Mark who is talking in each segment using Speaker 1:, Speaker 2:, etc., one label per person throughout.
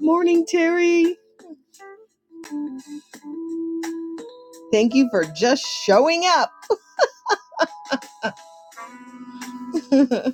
Speaker 1: Morning, Terry. Thank you for just showing up.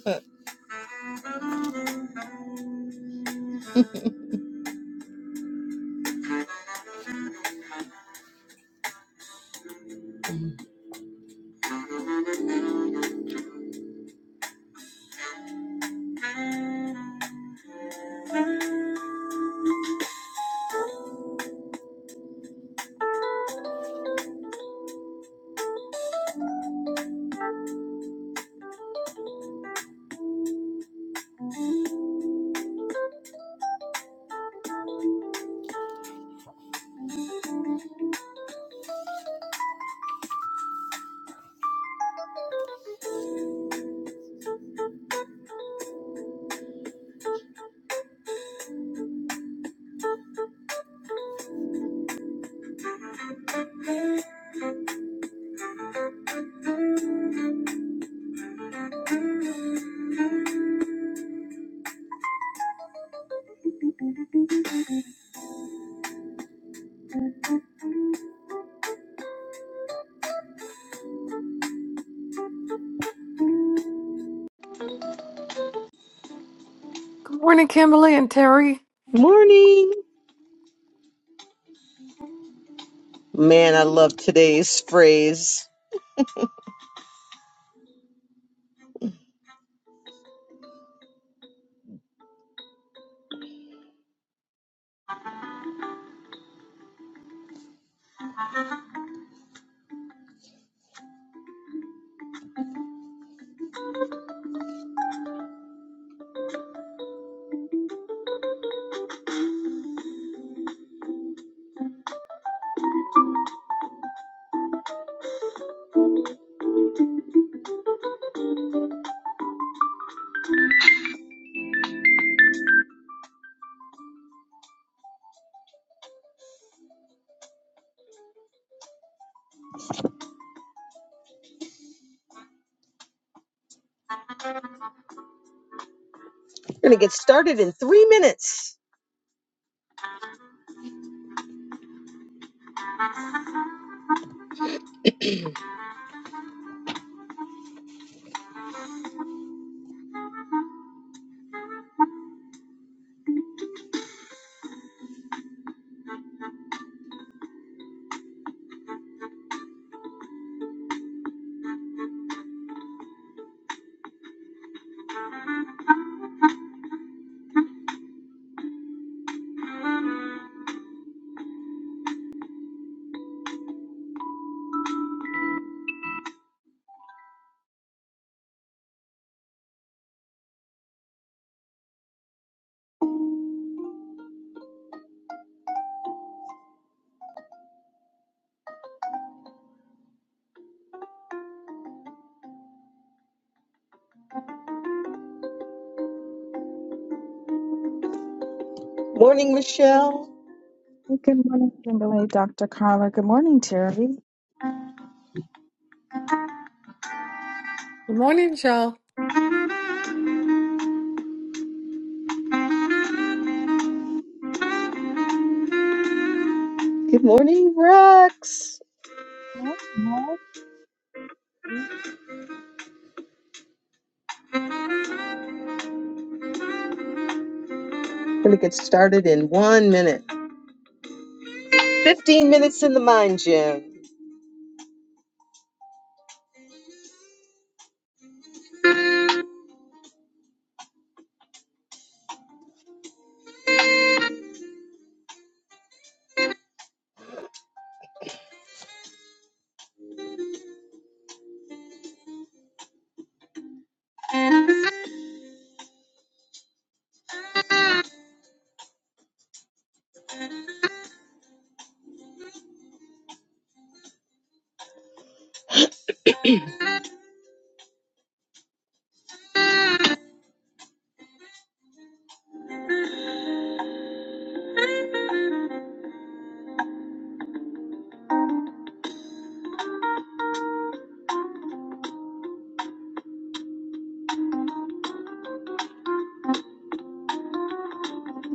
Speaker 2: Good morning, Kimberly and Terry.
Speaker 1: Morning. Man, I love today's phrase. We're going to get started in three minutes. Morning, Michelle.
Speaker 3: Hey, Good morning, Kimberly, Dr. Carla. Good morning, Terry. Good
Speaker 2: Good morning, y'all.
Speaker 1: Good morning, Rex.
Speaker 3: morning. Good
Speaker 1: We're going to get started in one minute. 15 minutes in the mind gym.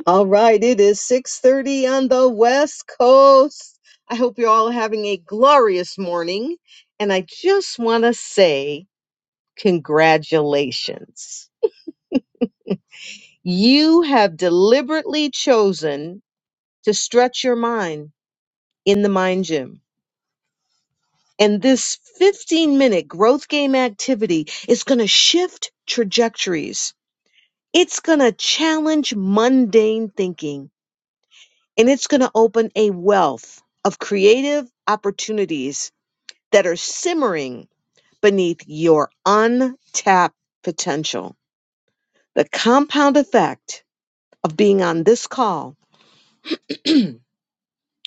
Speaker 1: All right, it is 6.30 on the West Coast. I hope you're all having a glorious morning. And I just want to say congratulations You have deliberately chosen to stretch your mind in the mind gym. And this 15 minute growth game activity is going to shift trajectories. It's going to challenge mundane thinking and it's going to open a wealth of creative opportunities that are simmering beneath your untapped potential. The compound effect of being on this call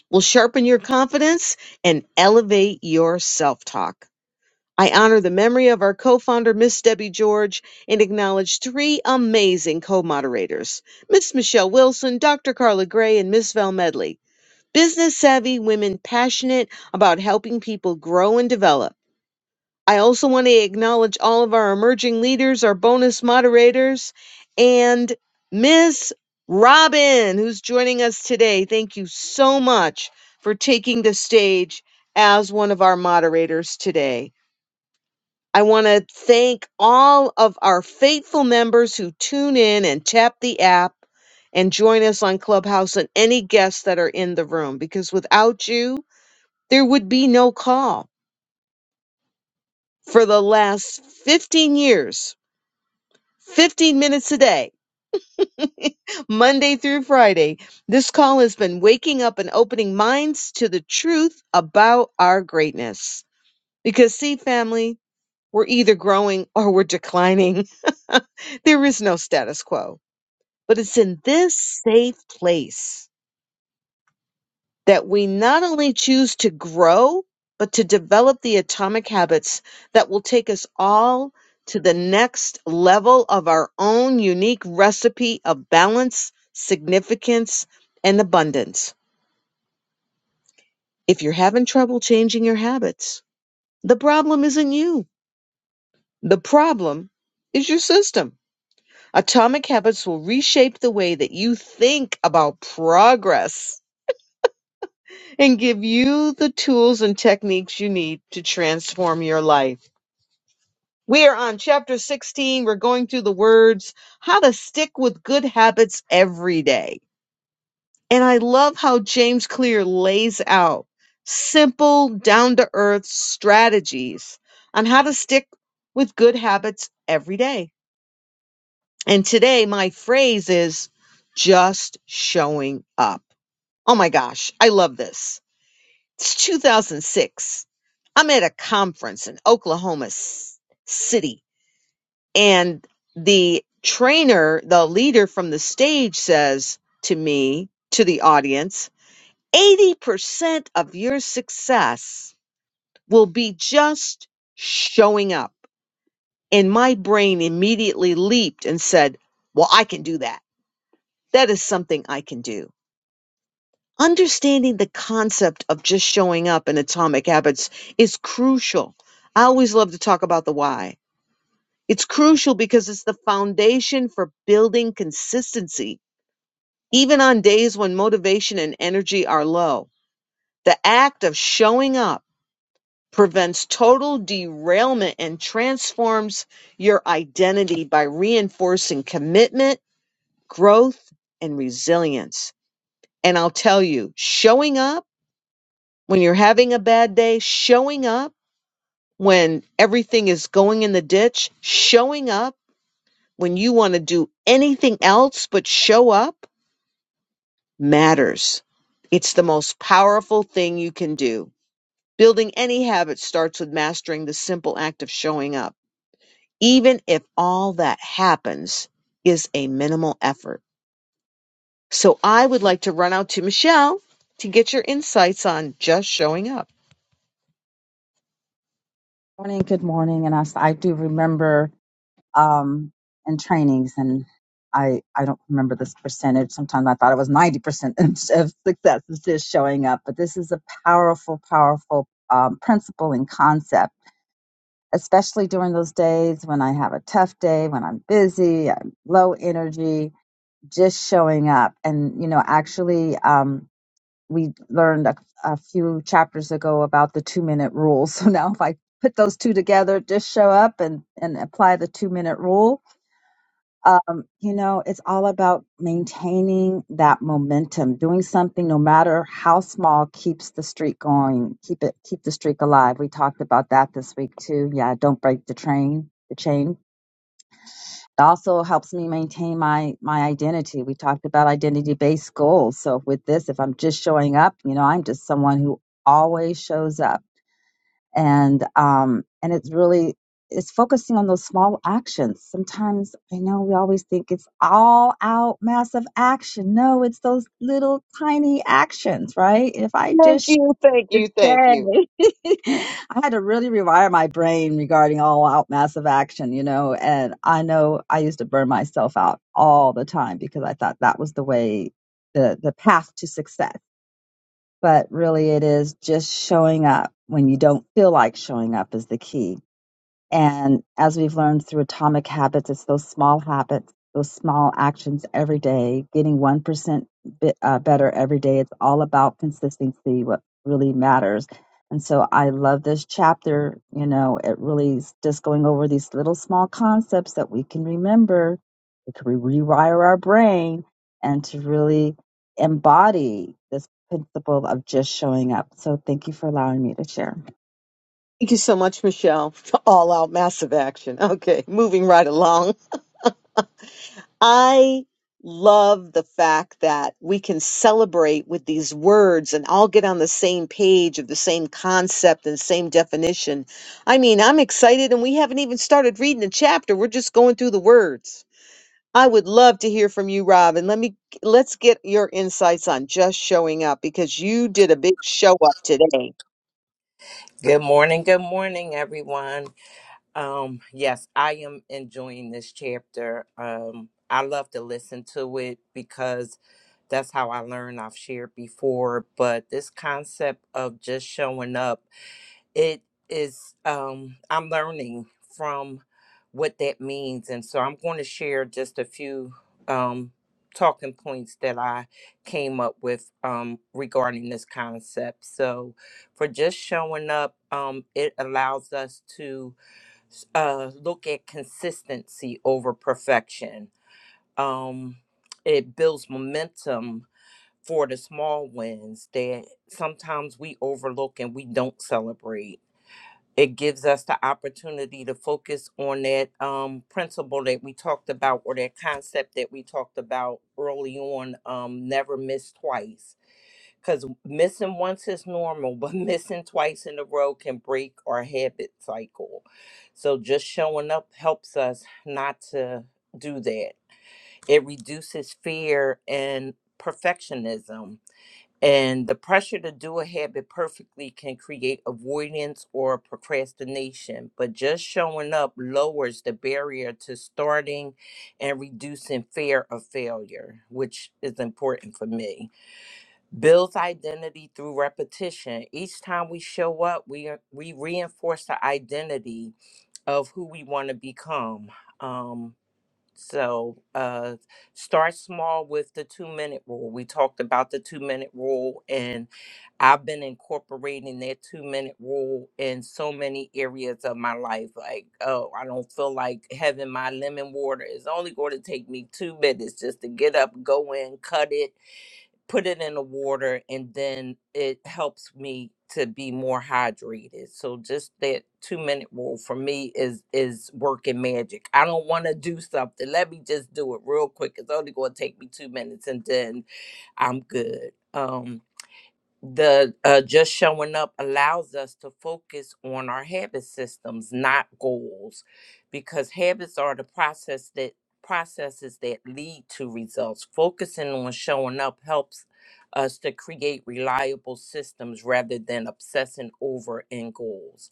Speaker 1: will sharpen your confidence and elevate your self talk. I honor the memory of our co founder, Miss Debbie George, and acknowledge three amazing co moderators Miss Michelle Wilson, Dr. Carla Gray, and Miss Val Medley. Business savvy women passionate about helping people grow and develop. I also want to acknowledge all of our emerging leaders, our bonus moderators, and Miss Robin, who's joining us today. Thank you so much for taking the stage as one of our moderators today. I want to thank all of our faithful members who tune in and tap the app and join us on Clubhouse and any guests that are in the room, because without you, there would be no call. For the last 15 years, 15 minutes a day, Monday through Friday. This call has been waking up and opening minds to the truth about our greatness. Because, see, family, we're either growing or we're declining. there is no status quo, but it's in this safe place that we not only choose to grow, but to develop the atomic habits that will take us all to the next level of our own unique recipe of balance, significance, and abundance. If you're having trouble changing your habits, the problem isn't you. The problem is your system. Atomic habits will reshape the way that you think about progress and give you the tools and techniques you need to transform your life. We are on chapter 16. We're going through the words, how to stick with good habits every day. And I love how James Clear lays out simple, down to earth strategies on how to stick with good habits every day. And today, my phrase is just showing up. Oh my gosh, I love this It's 2006. I'm at a conference in Oklahoma S- City, and the trainer, the leader from the stage, says to me, to the audience, 80% of your success will be just showing up. And my brain immediately leaped and said, Well, I can do that. That is something I can do. understanding the concept of just showing up in atomic habits is crucial. I always love to talk about the why. It's crucial because it's the foundation for building consistency, even on days when motivation and energy are low. The act of showing up prevents total derailment and transforms your identity by reinforcing commitment, growth, and resilience. And I'll tell you, showing up when you're having a bad day, showing up when everything is going in the ditch, showing up when you want to do anything else but show up matters. It's the most powerful thing you can do. Building any habit starts with mastering the simple act of showing up, even if all that happens is a minimal effort. So I would like to run out to Michelle to get your insights on just showing up.
Speaker 3: morning. Good morning. And I, s- I do remember um, in trainings, and I, I don't remember this percentage. Sometimes I thought it was 90% of success is just showing up. But this is a powerful, powerful um, principle and concept, especially during those days when I have a tough day, when I'm busy, I'm low energy, just showing up. And, you know, actually, Um, we learned a, a few chapters ago about the two minute rule. So now if I put those two together, just show up and, and apply the two minute rule. Um, you know, it's all about maintaining that momentum, doing something no matter how small keeps the streak going, keep it, keep the streak alive. We talked about that this week too. Yeah. Don't break the train, the chain it also helps me maintain my my identity. We talked about identity based goals. So with this, if I'm just showing up, you know, I'm just someone who always shows up, and um, and it's really it's focusing on those small actions. Sometimes I know we always think it's all out massive action. No, it's those little tiny actions, right? If I just
Speaker 1: Thank you, thank you, thank you.
Speaker 3: today. I had to really rewire my brain regarding all out massive action, you know. And I know I used to burn myself out all the time because I thought that was the way, the, the path to success. But really, it is just showing up when you don't feel like showing up is the key and as we've learned through Atomic Habits, it's those small habits, those small actions every day, getting 1% bit, uh, better every day. It's all about consistency, what really matters. And so I love this chapter. You know, it really is just going over these little small concepts that we can remember, we can rewire our brain, and to really embody this principle of just showing up. So thank you for allowing me to share.
Speaker 1: Thank you so much, Michelle, for all out massive action. Okay, moving right along. I love the fact that we can celebrate with these words and all get on the same page of the same concept and same definition. I mean, I'm excited and we haven't even started reading the chapter. We're just going through the words. I would love to hear from you, Rob, and let me let's get your insights on just showing up because you did a big show up today. Did
Speaker 4: Good morning. Good morning, everyone. Um, yes, I am enjoying this chapter. Um, I love to listen to it because that's how I learn. I've shared before, but this concept of just showing up it is um i'm learning from what that means and so i'm going to share just a few um talking points that i came up with um regarding this concept so for just showing up um it allows us to uh look at consistency over perfection um it builds momentum for the small wins that sometimes we overlook and we don't celebrate it gives us the opportunity to focus on that um, principle that we talked about or that concept that we talked about early on um, never miss twice because missing once is normal but missing twice in a row can break our habit cycle so just showing up helps us not to do that it reduces fear and perfectionism and the pressure to do a habit perfectly can create avoidance or procrastination, but just showing up lowers the barrier to starting and reducing fear of failure, which is important for me. Builds identity through repetition. Each time we show up, we, we reinforce the identity of who we want to become. Um, so uh, start small with the two minute rule. We talked about the two minute rule, and I've been incorporating that two minute rule in so many areas of my life. Like, oh, I don't feel like having my lemon water. It's only going to take me two minutes just to get up, go in, cut it, put it in the water and then it helps me to be more hydrated so just that two minute rule for me is is working magic i don't want to do something let me just do it real quick it's only going to take me two minutes and then i'm good um the uh, just showing up allows us to focus on our habit systems not goals because habits are the process that processes that lead to results focusing on showing up helps us to create reliable systems rather than obsessing over end goals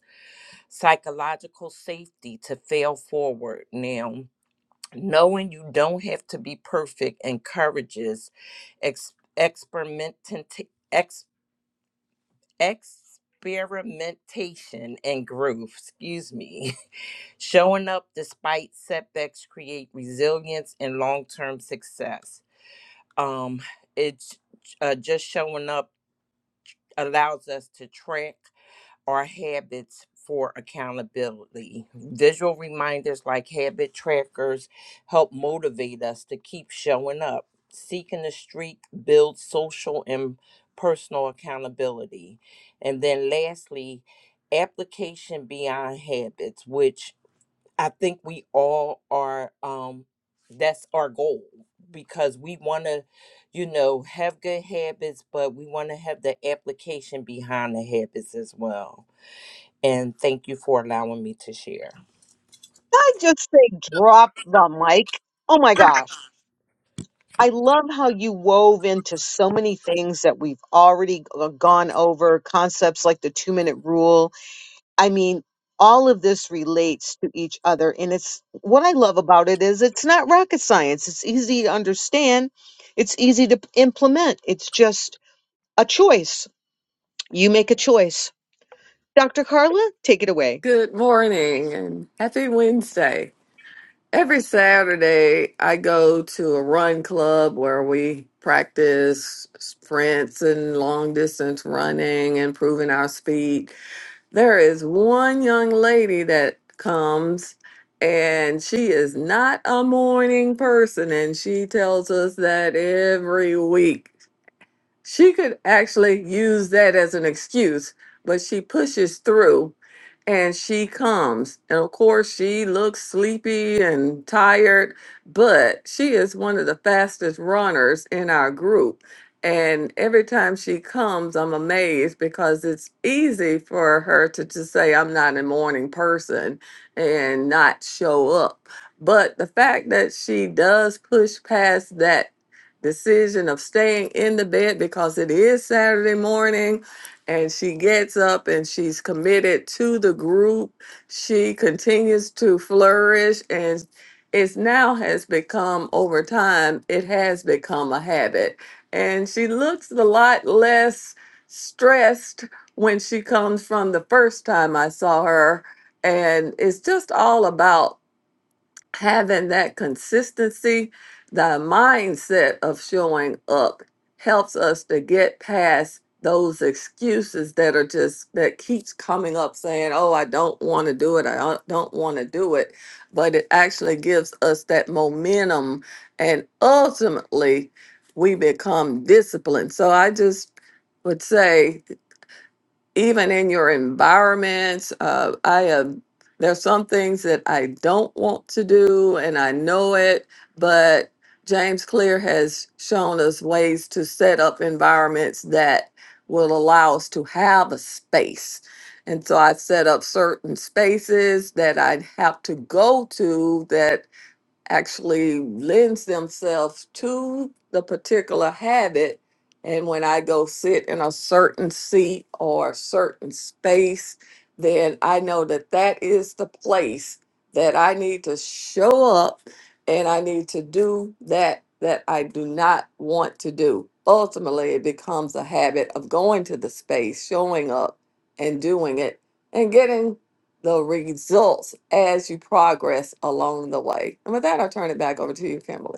Speaker 4: psychological safety to fail forward now knowing you don't have to be perfect encourages ex- experimenting experimentation and growth, excuse me. Showing up despite setbacks create resilience and long-term success. Um it's uh, just showing up allows us to track or habits for accountability. Visual reminders like habit trackers help motivate us to keep showing up. Seeking the streak builds social and personal accountability. And then lastly, application beyond habits, which I think we all are um that's our goal because we want to you know have good habits but we want to have the application behind the habits as well. And thank you for allowing me to share.
Speaker 1: I just say drop the mic. Oh my gosh. I love how you wove into so many things that we've already g- uh, gone over, concepts like the two minute rule. I mean, all of this relates to each other. And it's what I love about it is it's not rocket science. It's easy to understand. It's easy to p- implement. It's just a choice. You make a choice. Dr. Carla, take it away.
Speaker 2: Good morning and happy Wednesday. Every Saturday, I go to a run club where we practice sprints and long distance running, improving our speed. There is one young lady that comes, and she is not a morning person, and she tells us that every week. She could actually use that as an excuse, but she pushes through and she comes. And of course, she looks sleepy and tired, but she is one of the fastest runners in our group. And every time she comes, I'm amazed because it's easy for her to just say, I'm not a morning person and not show up. But the fact that she does push past that decision of staying in the bed because it is Saturday morning and she gets up and she's committed to the group. She continues to flourish and it's now has become over time, it has become a habit. And she looks a lot less stressed when she comes from the first time I saw her. And it's just all about having that consistency, the mindset of showing up helps us to get past those excuses that are just that keeps coming up saying, "Oh, I don't want to do it. I don't don't want to do it." But it actually gives us that momentum and ultimately we become disciplined. So I just would say even in your environments. Uh, I have there's some things that I don't want to do, and I know it, but James Clear has shown us ways to set up environments that will allow us to have a space. And so I set up certain spaces that I'd have to go to that actually lends themselves to the particular habit. And when I go sit in a certain seat or a certain space, then I know that that is the place that I need to show up and I need to do that that I do not want to do. Ultimately, it becomes a habit of going to the space, showing up and doing it and getting the results as you progress along the way. And with that, I'll turn it back over to you, Kimberly.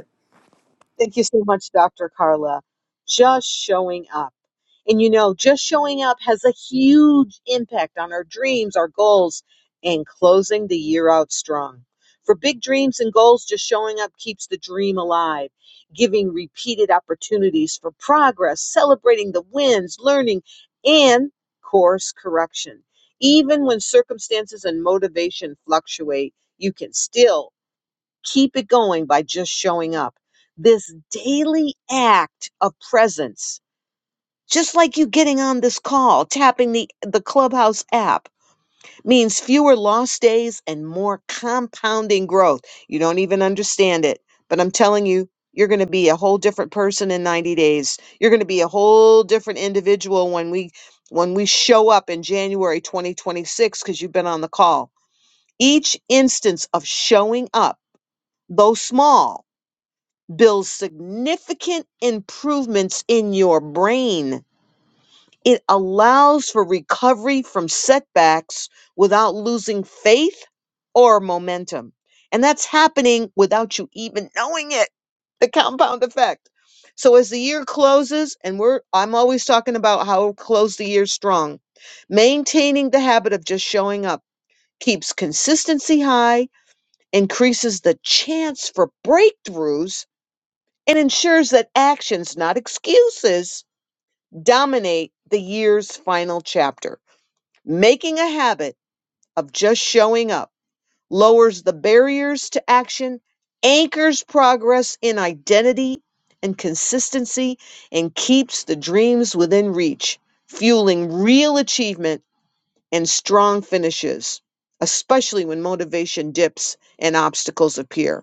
Speaker 1: Thank you so much, Dr. Carla. Just showing up. And you know, just showing up has a huge impact on our dreams, our goals, and closing the year out strong. For big dreams and goals, just showing up keeps the dream alive, giving repeated opportunities for progress, celebrating the wins, learning, and course correction. Even when circumstances and motivation fluctuate, you can still Keep it going by just showing up. This daily act of presence, just like you getting on this call, tapping the, the Clubhouse app, means fewer lost days and more compounding growth. You don't even understand it, but I'm telling you, you're going to be a whole different person in 90 days. You're going to be a whole different individual when we when we show up in January 2026 because you've been on the call. Each instance of showing up, though small, builds significant improvements in your brain. It allows for recovery from setbacks without losing faith or momentum. And that's happening without you even knowing it, the compound effect. So as the year closes, and we're I'm always talking about how close the year strong, maintaining the habit of just showing up keeps consistency high, increases the chance for breakthroughs and ensures that actions, not excuses, dominate the year's final chapter. Making a habit of just showing up lowers the barriers to action, anchors progress in identity and consistency, and keeps the dreams within reach, fueling real achievement and strong finishes, especially when motivation dips and obstacles appear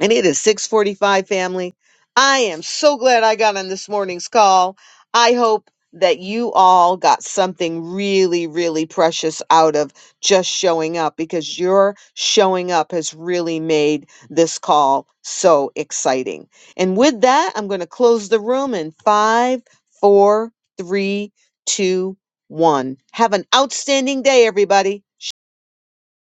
Speaker 1: and it is 645 family i am so glad i got on this morning's call i hope that you all got something really really precious out of just showing up because your showing up has really made this call so exciting and with that i'm going to close the room in five four three two one have an outstanding day everybody